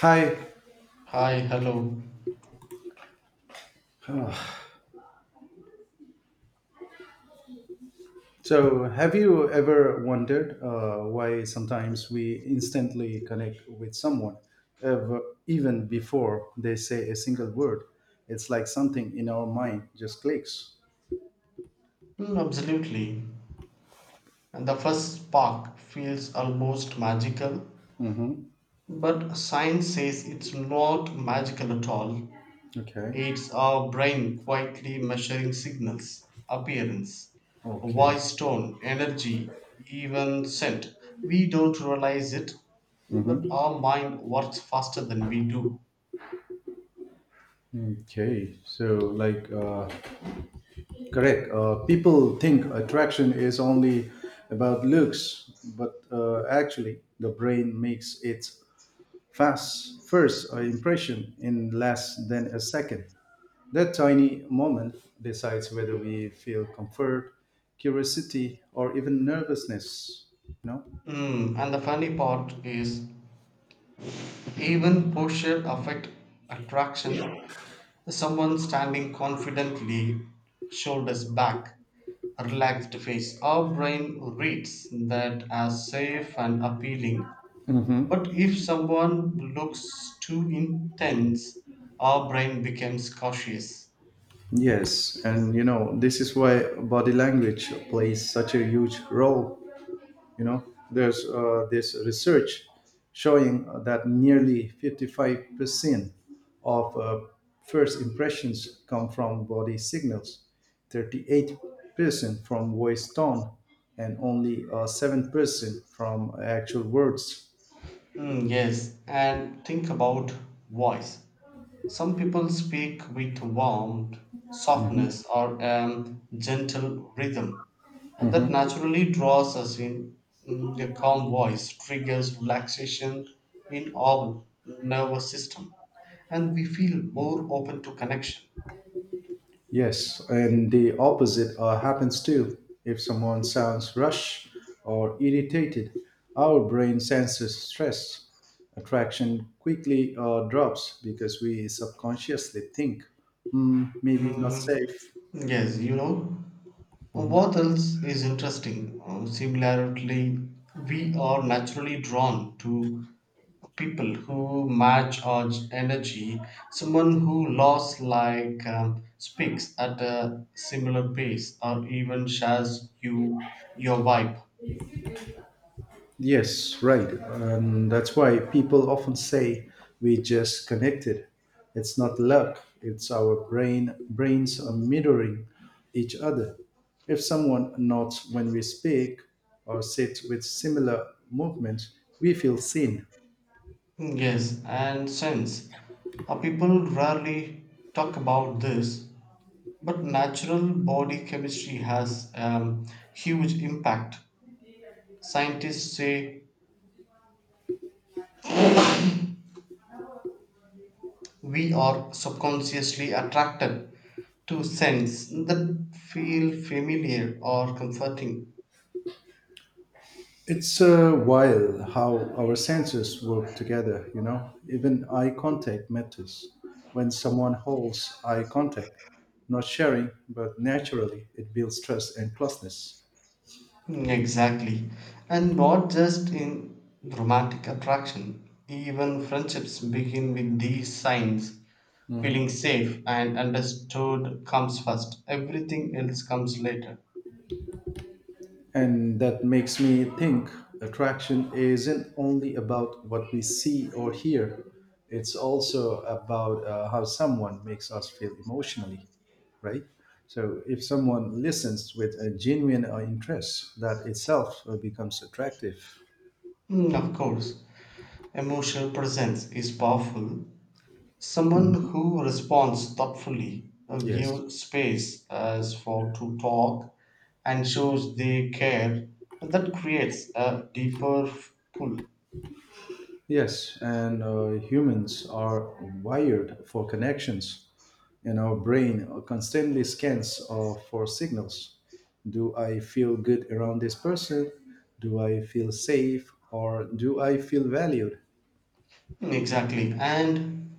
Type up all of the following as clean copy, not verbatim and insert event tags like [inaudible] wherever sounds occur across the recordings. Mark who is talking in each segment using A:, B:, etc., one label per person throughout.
A: Hi.
B: Hi, hello.
A: So, have you ever wondered why sometimes we instantly connect with someone, ever, even before they say a single word? It's like something in our mind just clicks.
B: Absolutely. And the first spark feels almost magical,
A: Mm-hmm.
B: but science says it's not magical at all.
A: Okay.
B: It's our brain quietly measuring signals, appearance,
A: Okay.
B: voice tone, energy, even scent. We don't realize it, but
A: Mm-hmm.
B: our mind works faster than we do.
A: Okay. Correct. People think attraction is only about looks, but actually, the brain makes it fast, first impression in less than a second. That tiny moment decides whether we feel comfort, curiosity, or even nervousness.
B: And the funny part is, even posture affect attraction. Someone standing confidently, shoulders back, a relaxed face. Our brain reads that as safe and appealing. But
A: Hmm.
B: if someone looks too intense, our brain becomes cautious.
A: Yes, and this is why body language plays such a huge role you know there's this research showing that nearly 55% of first impressions come from body signals, 38% from voice tone, and only 7% from actual words.
B: Yes, and think about voice. Some people speak with warmth,
A: Mhm,
B: softness, or a gentle rhythm that
A: mhm.
B: naturally draws us in. Their calm voice triggers relaxation in our nervous system, and we feel more open to connection.
A: Yes, and the opposite happens too. If someone sounds rushed or irritated, our brain senses stress. Attraction quickly drops because we subconsciously think, "Hmm, maybe not
B: Mm,
A: safe."
B: yes, what else is interesting? Similarly, we are naturally drawn to people who match our energy, someone who loves speaks at a similar pace or even shares your vibe.
A: Yes, right. And that's why people often say we just connected. It's not luck, it's our brains are mirroring each other. If someone nods when we speak or sits with similar movements, we feel seen.
B: Yes, and sense. People rarely talk about this, but natural body chemistry has huge impact. Scientists say we are subconsciously attracted to scents that feel familiar or comforting.
A: It's a wild how our senses work together. Even eye contact matters. When someone holds eye contact, not sharing, but naturally, it builds trust and closeness.
B: Exactly. And not just in romantic attraction, even friendships begin with these signs. Feeling
A: Mhm.
B: safe and understood comes first, everything else comes later.
A: And that makes me think attraction isn't only about what we see or hear, it's also about how someone makes us feel emotionally, right? So if someone listens with a genuine interest, that itself becomes attractive.
B: Of course, emotional presence is powerful. Someone
A: Mhm.
B: who responds thoughtfully,
A: Yes.
B: gives space as for to talk, and shows they care, that creates a deeper pull.
A: Yes, and humans are wired for connections. And our brain constantly scans for signals. Do I feel good around this person? Do I feel safe? Or do I feel valued?
B: Exactly. And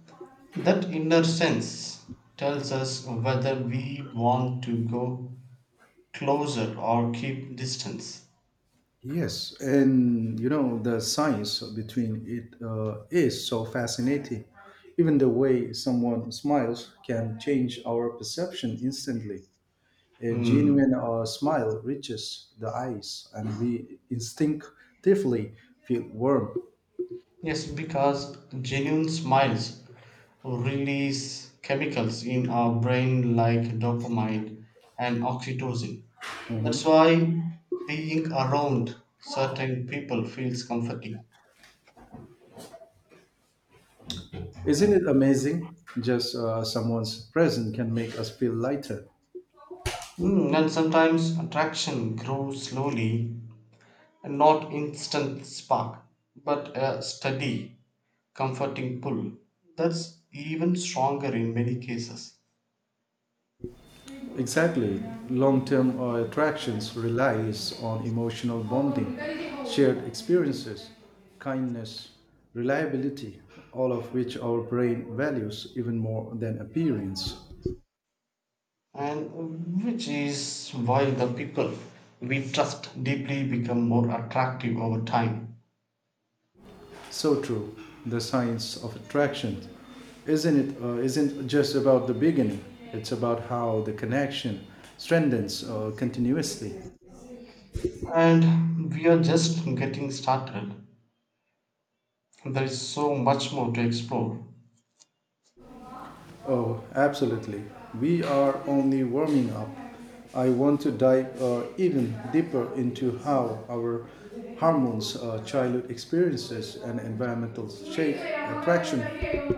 B: that inner sense tells us whether we want to go closer or keep distance.
A: Yes, and the science between it is so fascinating. Even the way someone smiles can change our perception instantly. A
B: Hmm.
A: genuine smile reaches the eyes, and we instinctively feel warm.
B: Yes, because genuine smiles release chemicals in our brain like dopamine and oxytocin. That's
A: Mhm.
B: why being around certain people feels comforting.
A: Isn't it amazing? Just someone's presence can make us feel lighter.
B: And sometimes attraction grows slowly. Not instant spark, but a steady, comforting pull that's even stronger in many cases,
A: Exactly. Long term attractions relies on emotional bonding, shared experiences, kindness, reliability, all of which our brain values even more than appearance.
B: and which is why the people we trust deeply become more attractive over time.
A: So true. The science of attraction isn't just about the beginning. It's about how the connection strengthens continuously.
B: And we are just getting started. There is so much more to explore.
A: Oh, absolutely. We are only warming up. I want to dive even deeper into how our hormones, childhood experiences, and environmental shape attraction.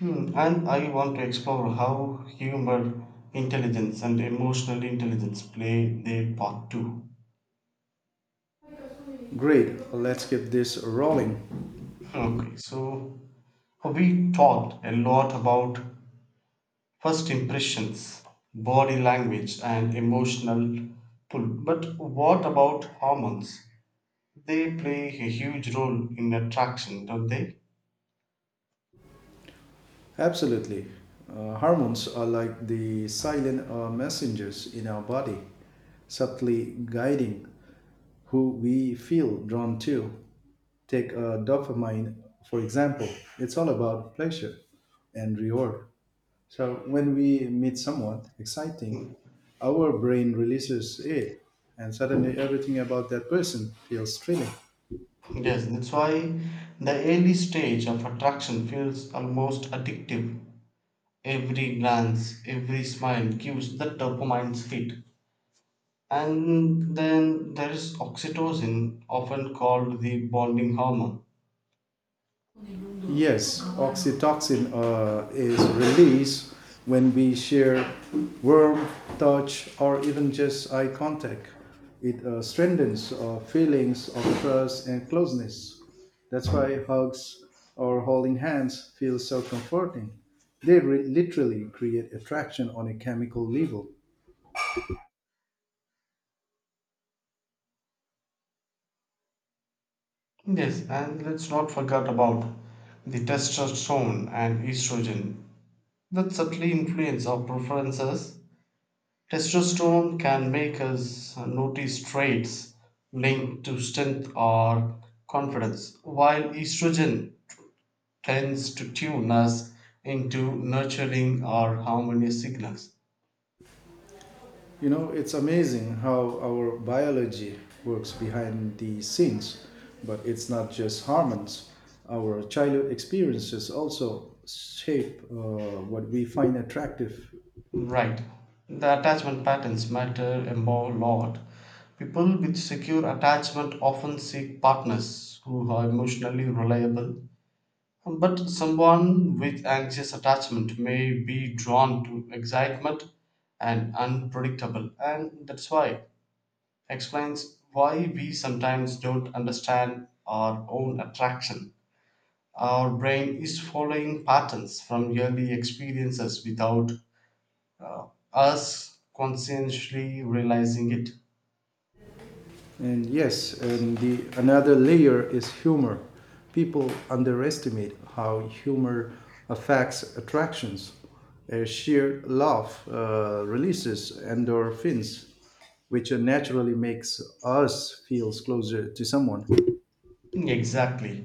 B: And I want to explore how humor intelligence and emotional intelligence play their part too.
A: Great, let's keep this rolling.
B: Okay, so we talked a lot about first impressions, body language, and emotional pull. But what about hormones? They play a huge role in attraction, don't they?
A: Absolutely. Hormones are like the silent messengers in our body, subtly guiding who we feel drawn to. Take dopamine, for example, it's all about pleasure and reward. So when we meet someone exciting, our brain releases it, and suddenly everything about that person feels thrilling.
B: Yes, that's why the early stage of attraction feels almost addictive. Every glance, every smile gives the dopamine hit. And then there is oxytocin, often called the bonding hormone.
A: Yes, oxytocin is released when we share warm touch or even just eye contact. It strengthens feelings of trust and closeness. That's why hugs or holding hands feel so comforting. Literally create attraction on a chemical level.
B: Yes, and let's not forget about the testosterone and estrogen that subtly influence our preferences. Testosterone can make us notice traits linked to strength or confidence, while estrogen tends to tune us into nurturing or harmonious signals.
A: You know, it's amazing how our biology works behind the scenes, but it's not just hormones. Our childhood experiences also shape what we find attractive.
B: Right. The attachment patterns matter a more lot. People with secure attachment often seek partners who are emotionally reliable. But someone with anxious attachment may be drawn to excitement and unpredictable. And that's why explains why we sometimes don't understand our own attraction. Our brain is following patterns from early experiences without us conscientiously realizing it.
A: And yes, and the another layer is humor. People underestimate how humor affects attractions. A sheer laugh releases endorphins, which naturally makes us feel closer to someone.
B: Exactly.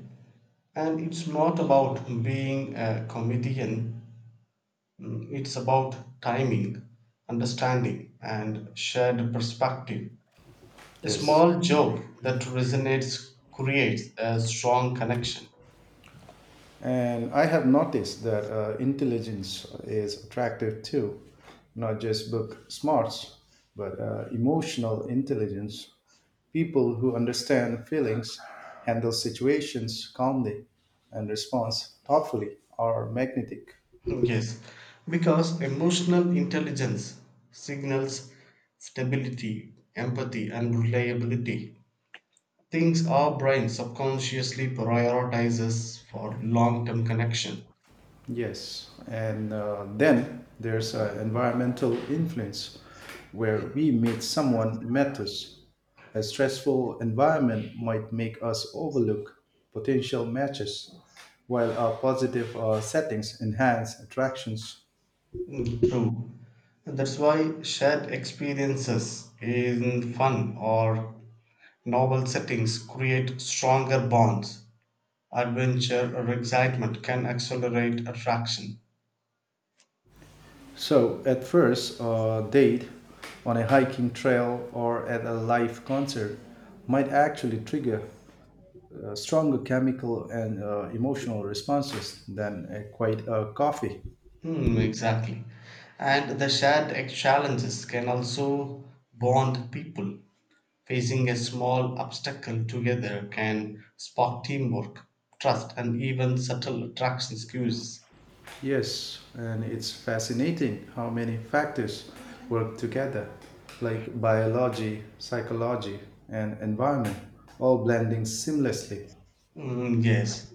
B: And it's not about being a comedian. It's about timing, understanding, and shared perspective. A
A: Yes.
B: small joke that resonates creates a strong connection.
A: And I have noticed that intelligence is attractive too, not just book smarts, but emotional intelligence. People who understand feelings, handle situations calmly, and respond thoughtfully are magnetic.
B: [laughs] Yes, because emotional intelligence signals stability, empathy, and reliability. Things our brain subconsciously prioritizes for long term connection.
A: Yes, and then there's environmental influence where we meet someone matters. A stressful environment might make us overlook potential matches, while our positive settings enhance attractions.
B: True. And that's why shared experiences in fun or novel settings create stronger bonds. Adventure or excitement can accelerate attraction.
A: So, at first, a date on a hiking trail or at a live concert might actually trigger stronger chemical and emotional responses than a, quite a coffee.
B: Exactly. And the challenges can also bond people. Facing a small obstacle together can spark teamwork, trust, and even subtle attraction cues.
A: Yes, and it's fascinating how many factors work together, like biology, psychology, and environment, all blending seamlessly.
B: Yes,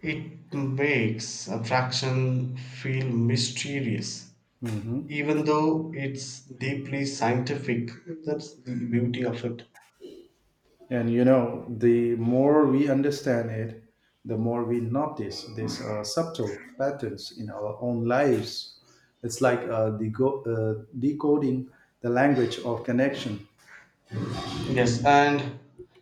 B: it makes attraction feel mysterious,
A: Hmm.
B: even though it's deeply scientific. That's the beauty of it.
A: And you know, the more we understand it, the more we notice these subtle patterns in our own lives. It's like decoding the language of connection.
B: Yes, and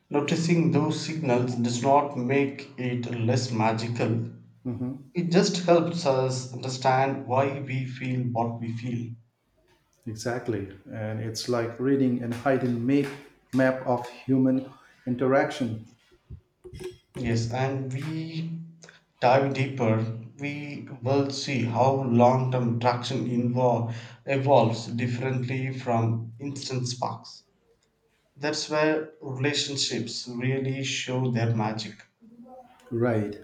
B: noticing those signals does not make it less magical.
A: Mhm.
B: It just helps us understand why we feel what we feel.
A: Exactly. And it's like reading and hidden map, map of human interaction.
B: Yes, and we dive deeper, we will see how long term traction evolves differently from instant sparks. That's where relationships really show their magic.
A: Right.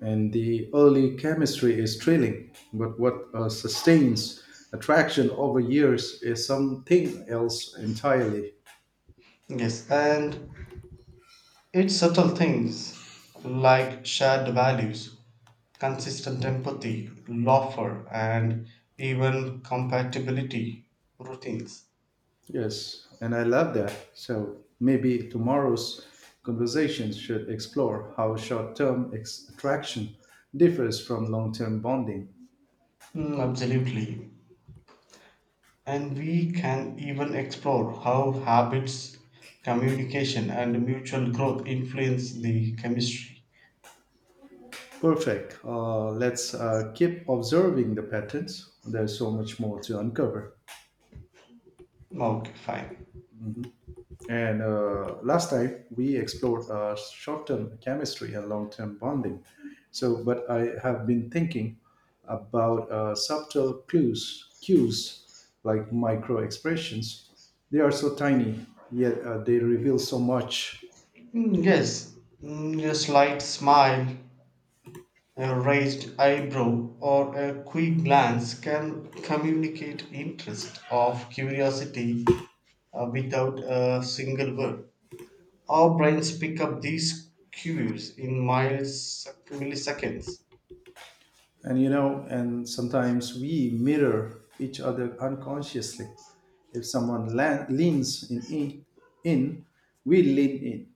A: And the early chemistry is thrilling, but what sustains attraction over years is something else entirely.
B: Yes, and it's subtle things like shared values, consistent empathy, laughter, and even compatibility routines.
A: Yes, and I love that. So maybe tomorrow's conversations should explore how short term attraction differs from long term bonding.
B: Absolutely. And we can even explore how habits, communication, and mutual growth influence the chemistry.
A: Perfect. Let's keep observing the patterns. There's so much more to uncover.
B: Okay, fine.
A: And last time we explored short-term chemistry and long-term bonding. So, but I have been thinking about cues like micro expressions. They are so tiny, yet they reveal so much.
B: Mm, Yes, a slight smile, a raised eyebrow, or a quick glance can communicate interest of curiosity without a single word. Our brains pick up these cues in milliseconds.
A: And you know, and sometimes we mirror each other unconsciously. If leans in, we lean in.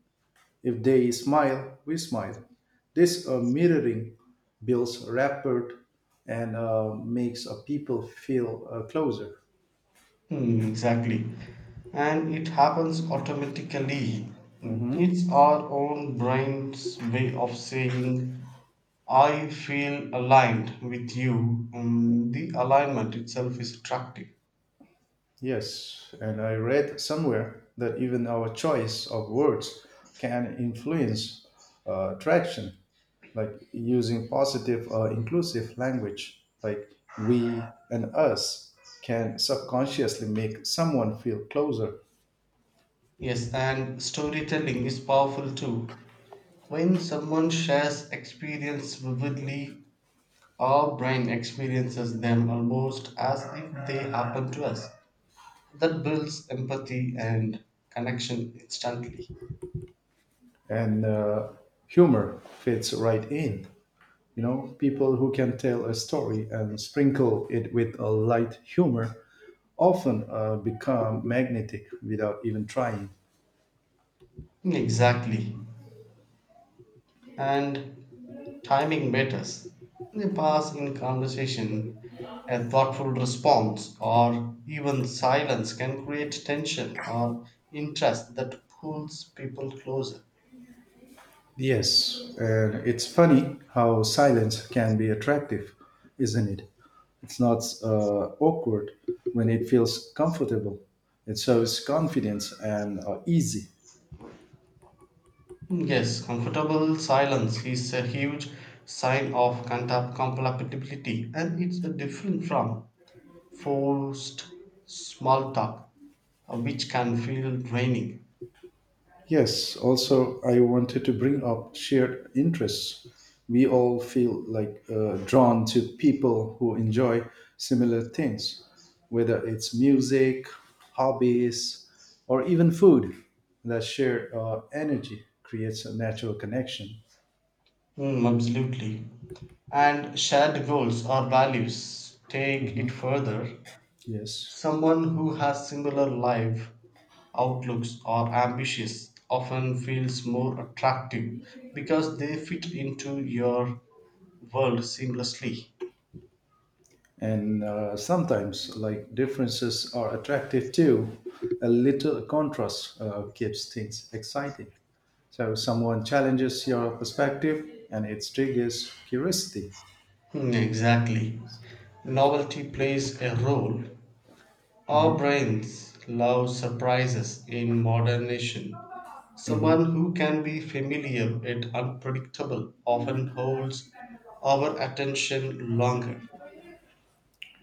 A: If they smile, we smile. This mirroring builds rapport and makes people feel closer.
B: Exactly. And it happens automatically. It's our own brain's way of saying, I feel aligned with you. The alignment itself is attractive.
A: Yes, and I read somewhere that even our choice of words can influence traction, like using positive or inclusive language, like we and us, can subconsciously make someone feel closer.
B: Yes, and storytelling is powerful too. When someone shares experience vividly, our brain experiences them almost as if they happen to us. That builds empathy and connection instantly.
A: And humor fits right in. You know, people who can tell a story and sprinkle it with a light humor often become magnetic without even trying.
B: Exactly. And timing matters. A pause in conversation, a thoughtful response, or even silence can create tension or interest that pulls people closer.
A: Yes, and it's funny how silence can be attractive, isn't it? It's not awkward when it feels comfortable. It shows confidence and easy.
B: Yes, comfortable silence is a huge sign of compatibility, and it's a different from forced small talk, which can feel draining.
A: Yes, also, I wanted to bring up shared interests. We all feel like drawn to people who enjoy similar things, whether it's music, hobbies, or even food. That shared energy creates a natural connection.
B: Absolutely. And shared goals or values take
A: Mhm.
B: it further.
A: Yes.
B: Someone who has similar life outlooks or ambitious often feels more attractive because they fit into your world seamlessly.
A: And sometimes, like differences are attractive too. A little contrast keeps things exciting. So someone challenges your perspective and it triggers curiosity.
B: Exactly. Novelty plays a role. Our brains love surprises in modernization. Someone who can be familiar yet unpredictable often holds our attention longer.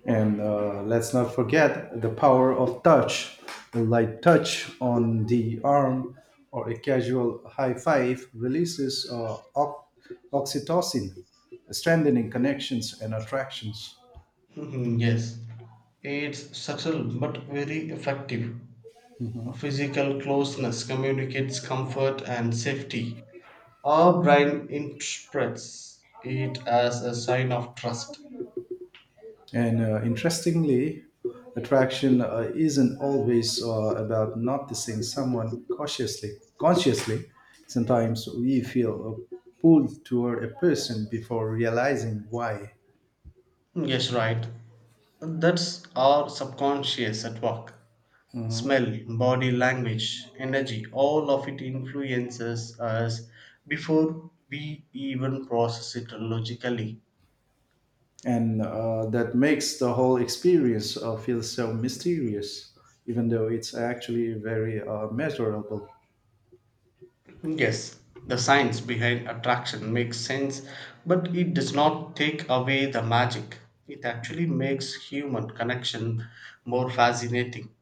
A: And let's not forget the power of touch, a light touch on the arm or a casual high five releases oxytocin, strengthening connections and attractions.
B: Mhm, yes, it's subtle but very effective. A physical closeness communicates comfort and safety. Our brain interprets it as a sign of trust.
A: And interestingly, attraction isn't always about noticing someone cautiously. Consciously, sometimes we feel a pull toward a person before realizing why,
B: Yes, right. That's our subconscious at work. Smell, body language, energy, all of it influences us before we even process it logically.
A: and that makes the whole experience feel so mysterious, even though it's actually very measurable.
B: Yes, the science behind attraction makes sense, but it does not take away the magic. It actually makes human connection more fascinating.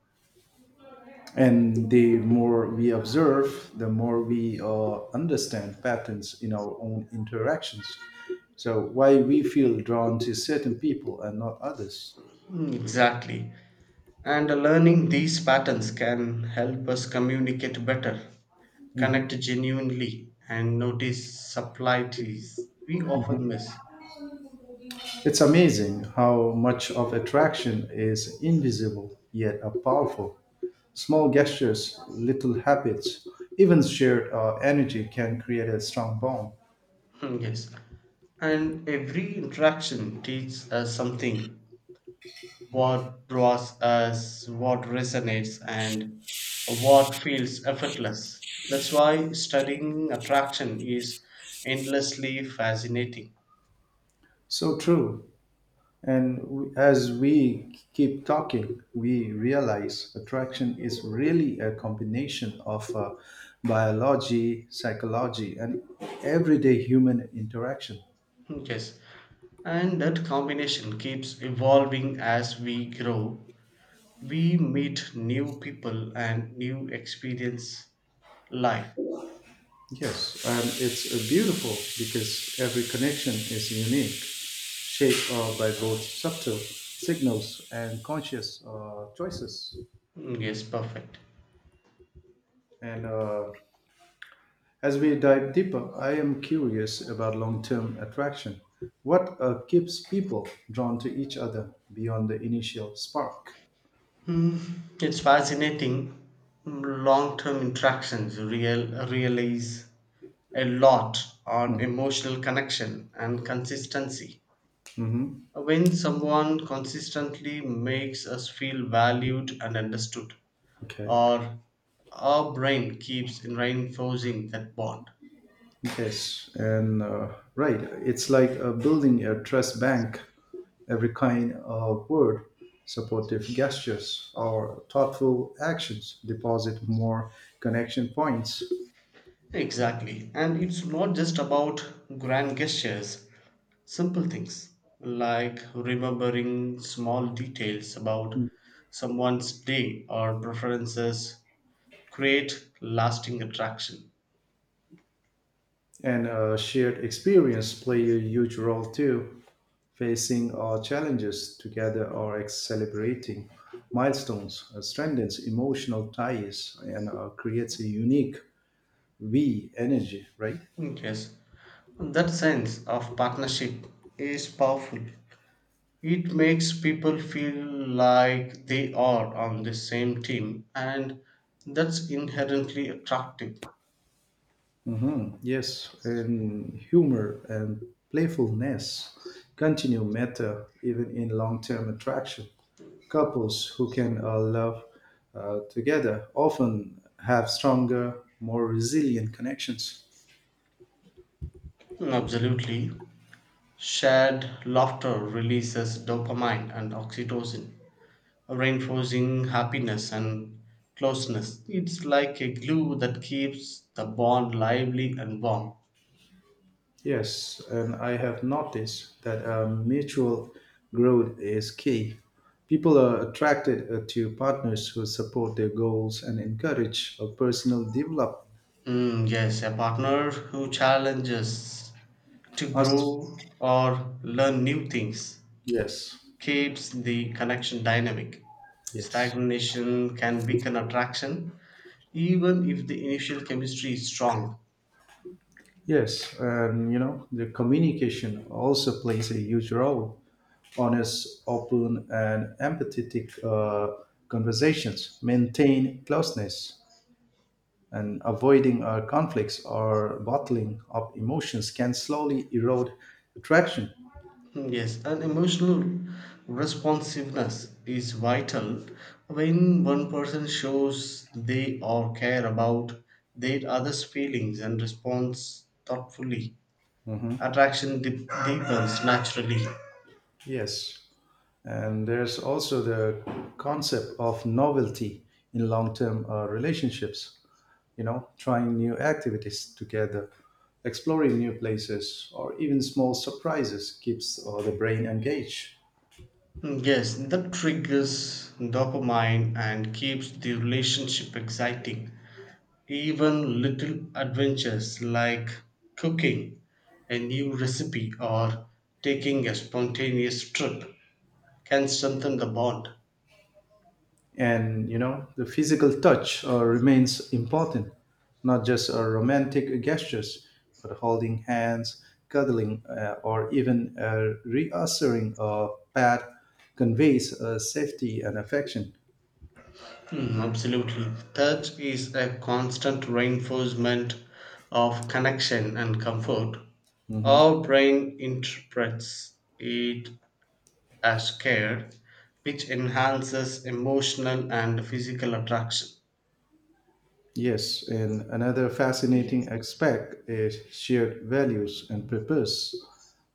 A: And the more we observe, the more we understand patterns in our own interactions. So, why we feel drawn to certain people and not others.
B: Exactly. And learning these patterns can help us communicate better,
A: Mhm,
B: connect genuinely, and notice subtleties we
A: mhm.
B: often miss.
A: It's amazing how much of attraction is invisible yet are powerful. Small gestures, little habits, even shared energy can create a strong bond.
B: Yes. And every interaction teaches us something what draws us, what resonates, and what feels effortless. That's why studying attraction is endlessly fascinating.
A: So true. And as we keep talking, we realize attraction is really a combination of biology, psychology, and everyday human interaction.
B: Yes, and that combination keeps evolving as we grow. We meet new people and new experience life.
A: Yes, and it's beautiful because every connection is unique, shaped by both subtle signals and conscious choices.
B: Yes, perfect.
A: And as we dive deeper, I am curious about long term attraction. What keeps people drawn to each other beyond the initial spark?
B: Mm, It's fascinating. Long term interactions realize a lot on emotional connection and consistency.
A: Mm-hmm.
B: When someone consistently makes us feel valued and understood
A: Okay.
B: or our brain keeps reinforcing that bond.
A: Yes. And right, it's like building a trust bank. Every kind of word, supportive gestures, or thoughtful actions deposit more connection points.
B: Exactly, and it's not just about grand gestures. Simple things like remembering small details about someone's day or preferences create lasting attraction.
A: And shared experience play a huge role too. Facing our challenges together celebrating milestones strengthens emotional ties and creates a unique we energy, right?
B: Yes, that sense of partnership is powerful. It makes people feel like they are on the same team, and that's inherently attractive.
A: Hmm, yes, and humor and playfulness continue matter even in long-term attraction. Couples who can love together often have stronger more resilient connections.
B: Absolutely. Shared laughter releases dopamine and oxytocin, reinforcing happiness and closeness. It's like a glue that keeps the bond lively and warm.
A: Yes, and I have noticed that mutual growth is key. People are attracted to partners who support their goals and encourage a personal development.
B: Yes, a partner who challenges to
A: Us,
B: grow or learn new things
A: yes,
B: keeps the connection dynamic.
A: yes,
B: Stagnation can weaken attraction, even if the initial chemistry is strong.
A: yes, and you know the communication also plays a huge role. Honest, open, and empathetic conversations maintain closeness. And avoiding our conflicts or bottling up emotions can slowly erode attraction.
B: Yes, and emotional responsiveness is vital when one person shows they or care about their other's feelings and responds thoughtfully.
A: Hmm.
B: Deepens naturally.
A: Yes. And there's also the concept of novelty in long term relationships, you know, trying new activities together, exploring new places, or even small surprises keeps the brain engaged.
B: Yes, that triggers dopamine and keeps the relationship exciting. Even little adventures like cooking a new recipe or taking a spontaneous trip can strengthen the bond.
A: And you know the physical touch remains important, not just romantic gestures, but holding hands, cuddling or even a reassuring pat conveys safety and affection.
B: Absolutely. Third is a constant reinforcement of connection and comfort.
A: Mhm.
B: Our brain interprets it as care, which enhances emotional and physical attraction.
A: Yes, and another fascinating aspect is shared values and purpose.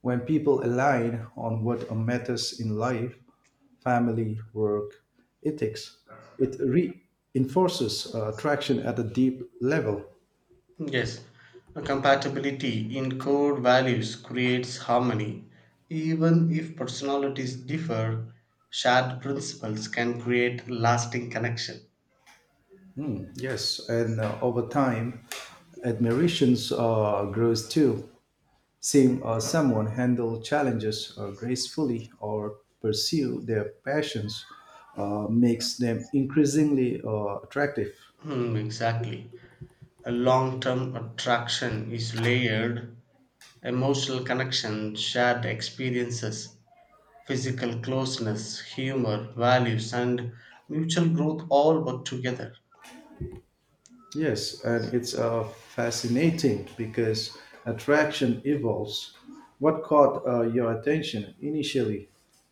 A: When people align on what matters in life, family, work, ethics, it reinforces attraction at a deep level.
B: Yes, compatibility in core values creates harmony. Even if personalities differ, shared principles can create lasting connection.
A: Yes, and over time, admirations grows too. Seeing someone handle challenges gracefully or pursue their passions makes them increasingly attractive.
B: Exactly. A long term attraction is layered, emotional connection, shared experiences, physical closeness, humor, values, and mutual growth all work together.
A: Yes, and it's fascinating because attraction evolves. What caught your attention initially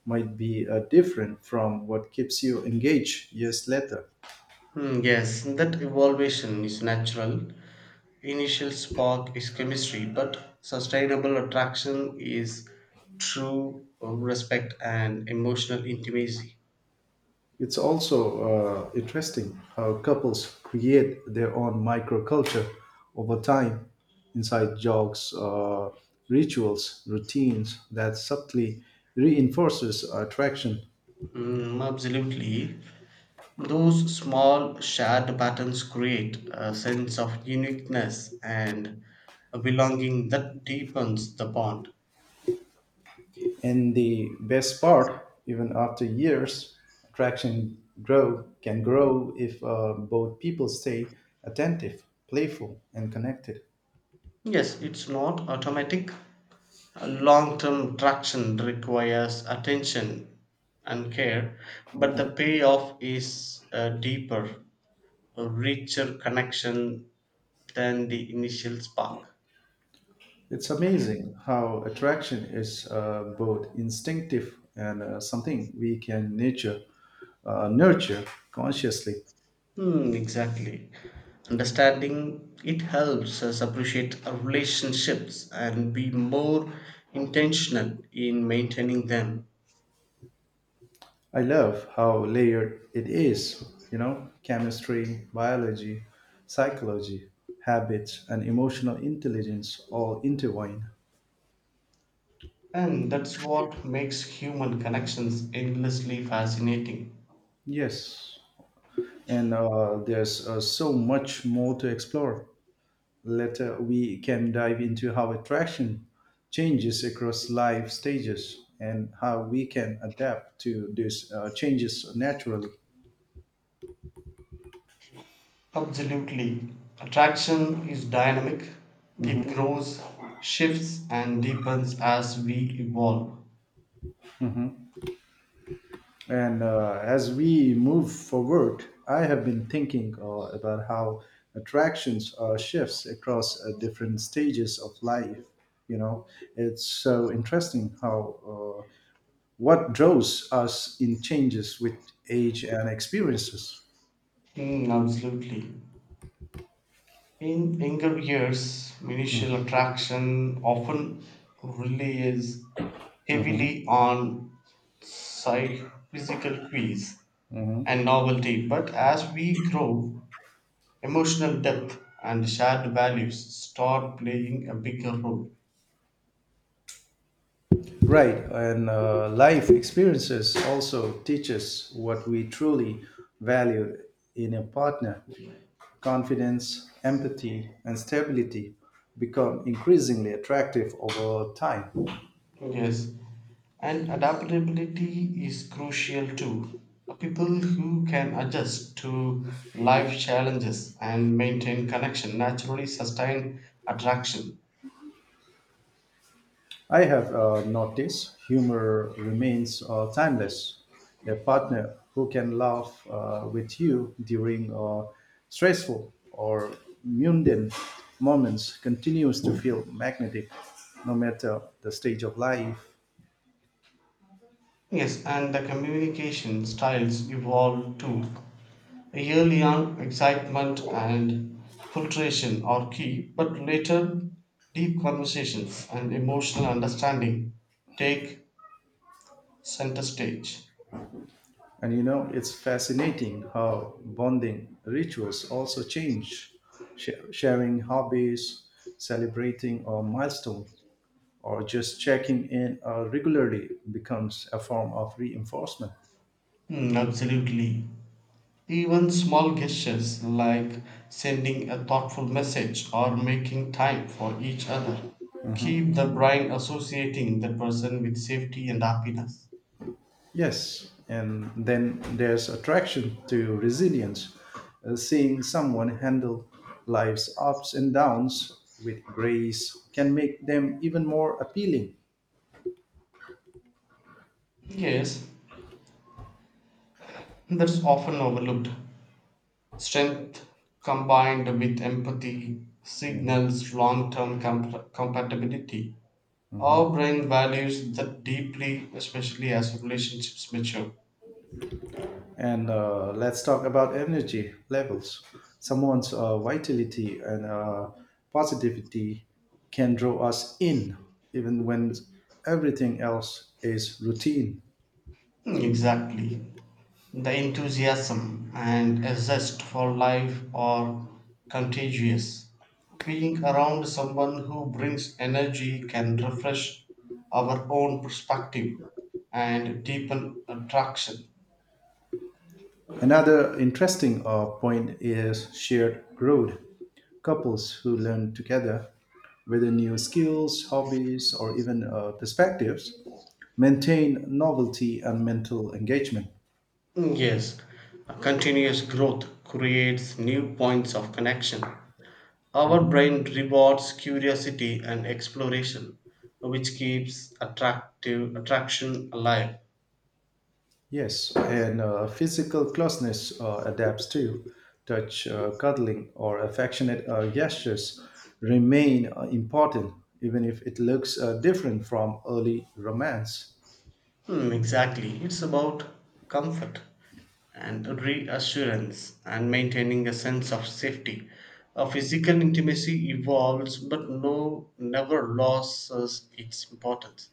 A: might be different from what keeps you engaged years later.
B: Yes, that evolution is natural. Initial spark is chemistry, but sustainable attraction is true respect and emotional intimacy.
A: It's also interesting how couples create their own microculture over time, inside jokes, rituals, routines that subtly reinforces attraction.
B: Absolutely. Those small shared patterns create a sense of uniqueness and a belonging that deepens the bond.
A: And the best part, even after years, attraction grow can grow if both people stay attentive, playful, and connected.
B: Yes, it's not automatic. Long term traction requires attention and care, but the payoff is deeper, a richer connection than the initial spark.
A: It's amazing how attraction is both instinctive and something we can nature, nurture consciously.
B: Exactly. Understanding it helps us appreciate our relationships and be more intentional in maintaining them.
A: I love how layered it is, you know, chemistry, biology, psychology, habits, and emotional intelligence all intertwine.
B: And that's what makes human connections endlessly fascinating.
A: Yes, and there's so much more to explore. Later, we can dive into how attraction changes across life stages and how we can adapt to these changes naturally.
B: Absolutely. Attraction is dynamic, it
A: Mhm.
B: grows, shifts, and deepens as we evolve.
A: And as we move forward, I have been thinking about how attractions shifts across different stages of life. You know, it's so interesting how what draws us in changes with age and experiences.
B: Absolutely. In younger years, initial
A: Mhm,
B: attraction often relies
A: mhm,
B: heavily on physical cues
A: mhm.
B: and novelty, but as we grow, emotional depth and shared values start playing a bigger role.
A: Right, and life experiences also teach us what we truly value in a partner. Confidence, empathy, and stability become increasingly attractive over time.
B: Yes, and adaptability is crucial too. People who can adjust to life challenges and maintain connection naturally sustain attraction.
A: I have noticed humor remains timeless. A partner who can laugh with you during stressful or mundane moments continues to feel magnetic no matter the stage of life.
B: Yes, and the communication styles evolve too. Early on, excitement and filtration are key, but later, deep conversations and emotional understanding take center stage.
A: And you know, it's fascinating how bonding rituals also change. Sharing hobbies, celebrating a milestone, or just checking in regularly becomes a form of reinforcement.
B: Absolutely. Even small gestures like sending a thoughtful message or making time for each other keep the brain associating the person with safety and happiness.
A: Yes, and then there's attraction to resilience, seeing someone handle life's ups and downs with grace can make them even more appealing.
B: Yes, that's often overlooked. Strength combined with empathy signals long term compatibility. Our brain values that deeply, especially as relationships mature.
A: And let's talk about energy levels. Someone's vitality and positivity can draw us in, even when everything else is routine.
B: Exactly. The enthusiasm and a zest for life are contagious. Being around someone who brings energy can refresh our own perspective and deepen attraction.
A: Another interesting point is shared growth. Couples who learn together, whether new skills, hobbies, or even perspectives, maintain novelty and mental engagement.
B: Yes, a continuous growth creates new points of connection. Our brain rewards curiosity and exploration, which keeps attractive attraction alive.
A: Yes, and physical closeness adapts too. Touch, cuddling, or affectionate gestures remain important, even if it looks different from early romance.
B: Exactly, it's about comfort and reassurance and maintaining a sense of safety. A physical intimacy evolves, but no, never loses its importance.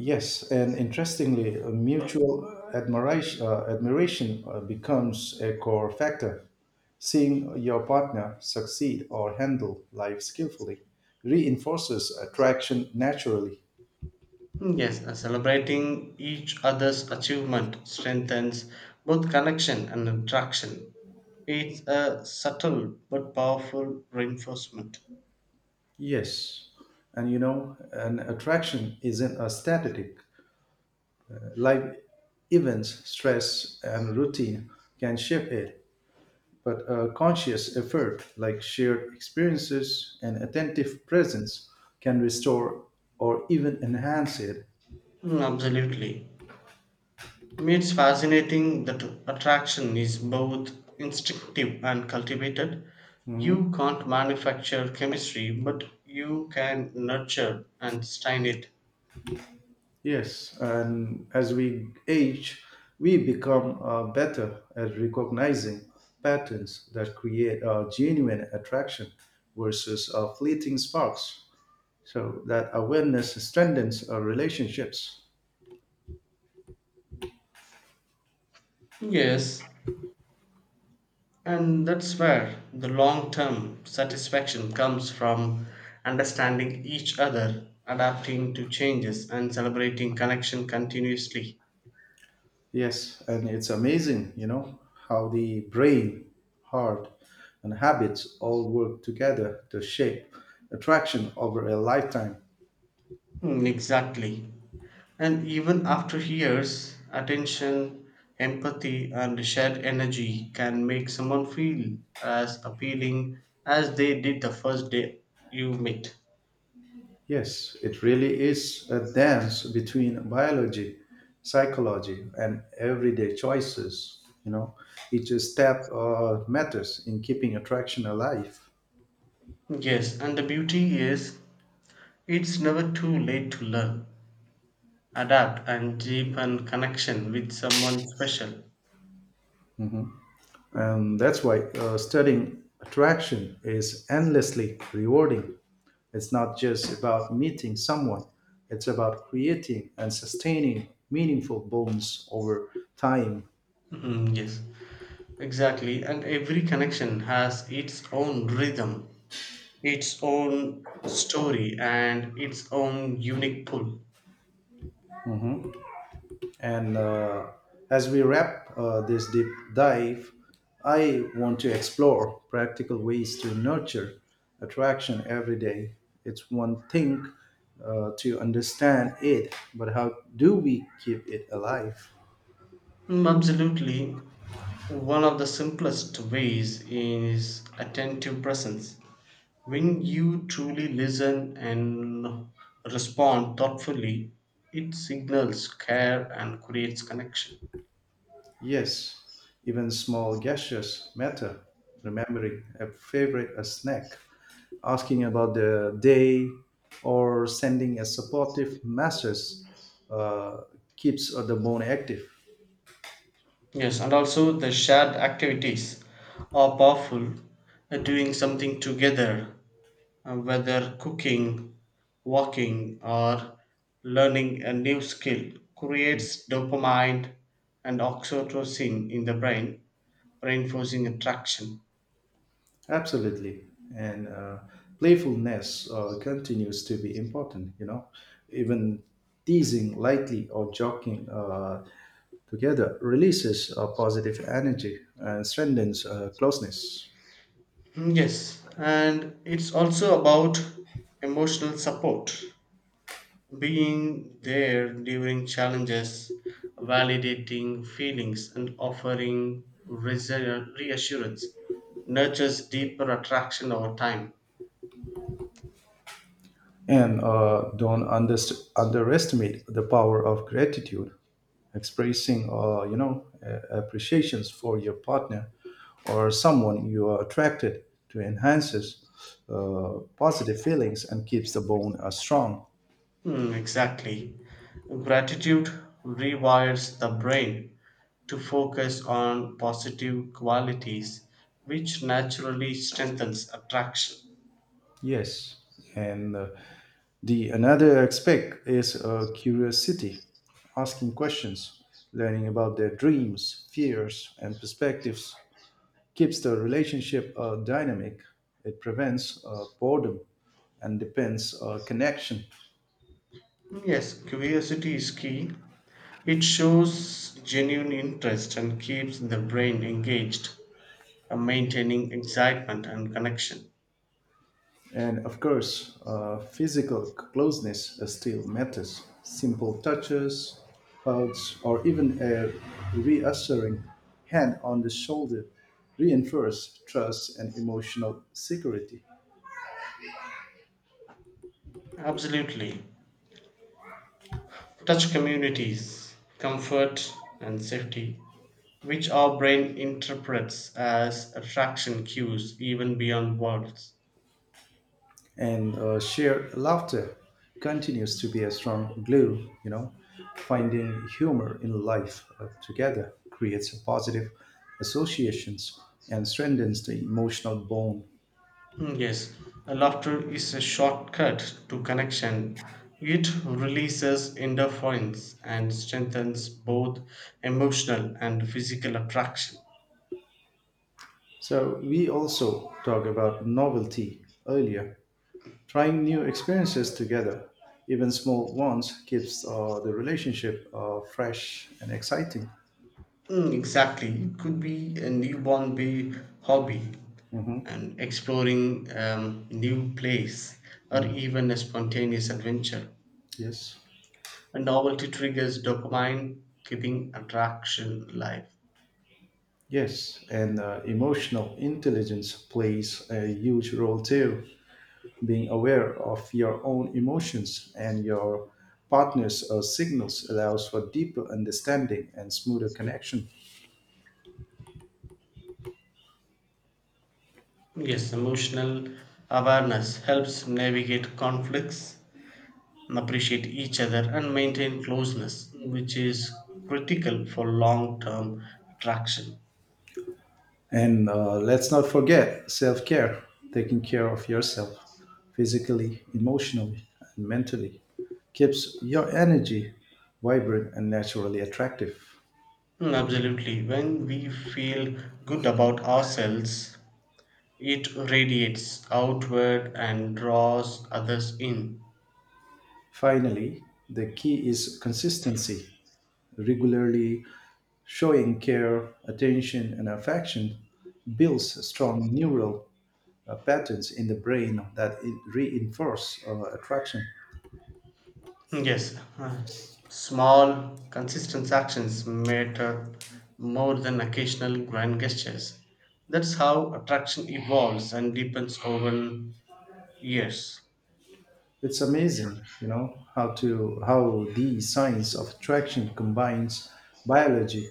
A: Yes, and interestingly, uh, mutual admiration becomes a core factor. Seeing your partner succeed or handle life skillfully reinforces attraction naturally.
B: Yes, celebrating each other's achievement strengthens both connection and attraction. It's a subtle but powerful reinforcement.
A: Yes. And you know, an attraction isn't a static. Life events, stress, and routine can shape it, but a conscious effort like shared experiences and attentive presence can restore or even enhance it.
B: Absolutely. It's fascinating that attraction is both instinctive and cultivated.
A: Mhm.
B: You can't manufacture chemistry, but you can nurture and sustain it.
A: Yes. And as we age, we become better at recognizing patterns that create a genuine attraction versus fleeting sparks. So that awareness strengthens our relationships.
B: Yes, and that's where the long term satisfaction comes from understanding each other, adapting to changes, and celebrating connection continuously.
A: Yes, and it's amazing, you know, how the brain, heart, and habits all work together to shape attraction over a lifetime.
B: Exactly. And even after years, attention, empathy, and shared energy can make someone feel as appealing as they did the first day you met.
A: Yes, it really is a dance between biology, psychology, and everyday choices. You know, each step matters in keeping attraction alive.
B: Yes, and the beauty is it's never too late to learn, adapt and deepen connection with someone special.
A: And that's why studying attraction is endlessly rewarding. It's not just about meeting someone, it's about creating and sustaining meaningful bonds over time.
B: Mhm, yes, exactly. And every connection has its own rhythm, its own story, and its own unique pull.
A: And as we wrap this deep dive, I want to explore practical ways to nurture attraction every day. It's one thing to understand it, but how do we keep it alive?
B: Absolutely. One of the simplest ways is attentive presence. When you truly listen and respond thoughtfully, it signals care and creates connection.
A: Yes, even small gestures matter. Remembering a favorite a snack, asking about the day, or sending a supportive message uh, keeps the bone active.
B: Yes, and also the shared activities are powerful. Doing something together, whether cooking, walking, or learning a new skill, creates dopamine and oxytocin in the brain, reinforcing attraction.
A: Absolutely, and playfulness continues to be important. You know, even teasing lightly or joking together releases positive energy and strengthens closeness.
B: Yes, and it's also about emotional support. Being there during challenges, validating feelings, and offering reassurance nurtures deeper attraction over time.
A: And don't underestimate the power of gratitude. Expressing, you know, appreciations for your partner or someone you are attracted to enhances positive feelings and keeps the bone strong.
B: Exactly. Gratitude rewires the brain to focus on positive qualities, which naturally strengthens attraction.
A: Yes, and the another aspect is curiosity, asking questions, learning about their dreams, fears, and perspectives keeps the relationship dynamic. It prevents boredom and depends connection.
B: Yes, curiosity is key. It shows genuine interest and keeps the brain engaged, maintaining excitement and connection.
A: And of course, physical closeness still matters. Simple touches, hugs, or even a reassuring hand on the shoulder reinforce trust and emotional security.
B: Absolutely. Touch communities, comfort, and safety, which our brain interprets as attraction cues even beyond words.
A: And shared laughter continues to be a strong glue, you know, finding humor in life together creates a positive associations and strengthens the emotional bond.
B: Yes, a laughter is a shortcut to connection. It releases endorphins and strengthens both emotional and physical attraction.
A: So we also talk about novelty earlier, trying new experiences together, even small ones keeps the relationship fresh and exciting.
B: Exactly. It could be a newborn baby hobby
A: Mhm.
B: and exploring new place or
A: Mm.
B: even a spontaneous adventure.
A: Yes.
B: A novelty triggers dopamine, keeping attraction alive.
A: Yes, and emotional intelligence plays a huge role too. Being aware of your own emotions and your partner's signals allows for deeper understanding and smoother connection.
B: Yes, emotional awareness helps navigate conflicts, appreciate each other, and maintain closeness, which is critical for long term attraction.
A: And let's not forget self care, taking care of yourself physically, emotionally, and mentally keeps your energy vibrant and naturally attractive.
B: Absolutely. When we feel good about ourselves, it radiates outward and draws others in.
A: Finally, the key is consistency, regularly showing care, attention, and affection builds strong neural patterns in the brain that reinforce attraction.
B: Yes, [sighs] small, consistent actions matter more than occasional grand gestures. That's how attraction evolves and deepens over years.
A: It's amazing, you know, how the science of attraction combines biology,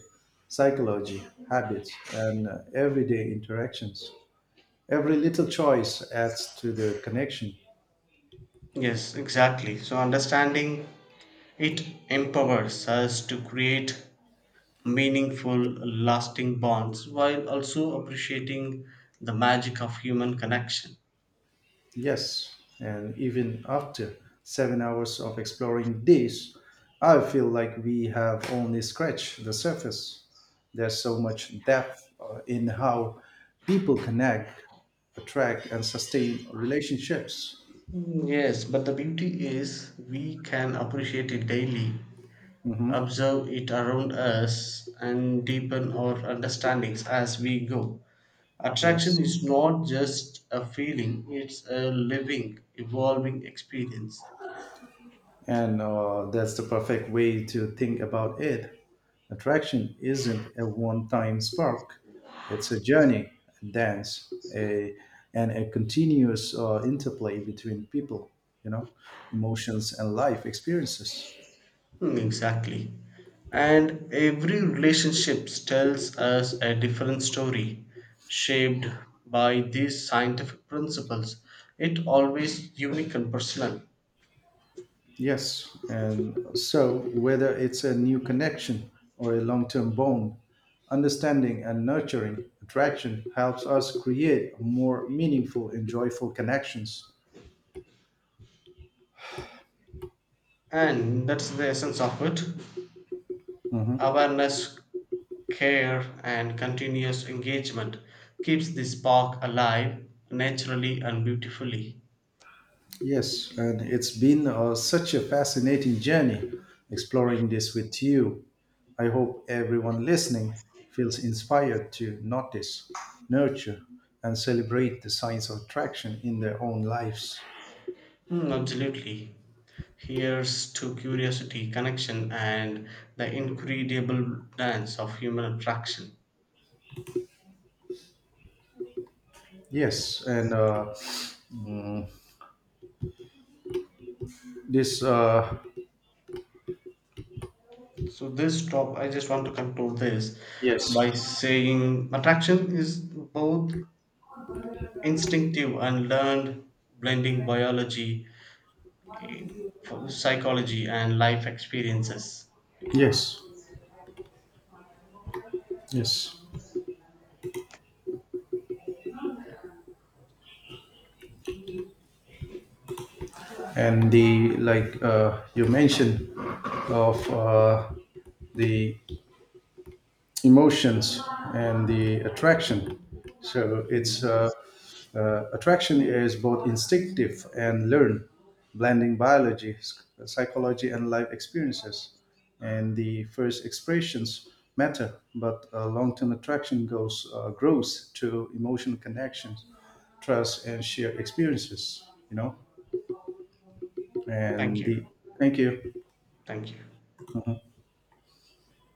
A: psychology, habits, and everyday interactions. Every little choice adds to the connection.
B: Yes, exactly. So, understanding it empowers us to create meaningful, lasting bonds while also appreciating the magic of human connection.
A: Yes, and even after 7 hours of exploring this, I feel like we have only scratched the surface. There's so much depth in how people connect, attract, and sustain relationships.
B: Yes, but the beauty is we can appreciate it daily,
A: Hmm.
B: observe it around us, and deepen our understandings as we go. Attraction
A: Yes.
B: is not just a feeling, it's a living, evolving experience.
A: And that's the perfect way to think about it. Attraction isn't a one time spark, it's a journey, a dance, and a continuous interplay between people, you know, emotions and life experiences.
B: Exactly. And every relationship tells us a different story, shaped by these scientific principles. It always unique and personal.
A: Yes. And so, whether it's a new connection or a long term bond, understanding and nurturing attraction helps us create more meaningful and joyful connections.
B: And that's the essence of it,
A: Mhm.
B: awareness, care, and continuous engagement keeps the spark alive naturally and beautifully.
A: Yes, and it's been such a fascinating journey exploring this with you. I hope everyone listening feels inspired to notice, nurture, and celebrate the science of attraction in their own lives.
B: Absolutely. Here's to curiosity, connection, and the incredible dance of human attraction.
A: Yes, and mm, this, uh,
B: So, this top, I just want to conclude this
A: yes,
B: by saying attraction is both instinctive and learned, blending biology for psychology and life experiences.
A: yes, yes. And like you mentioned, of the emotions and the attraction. So it's
B: Mm.
A: Attraction is both instinctive and learned, blending biology, psychology, and life experiences. And the first expressions matter, but long-term attraction goes grows to emotional connections, trust, and shared experiences. You know,
B: Thank
A: and the
B: you.
A: thank you.
B: Thank you.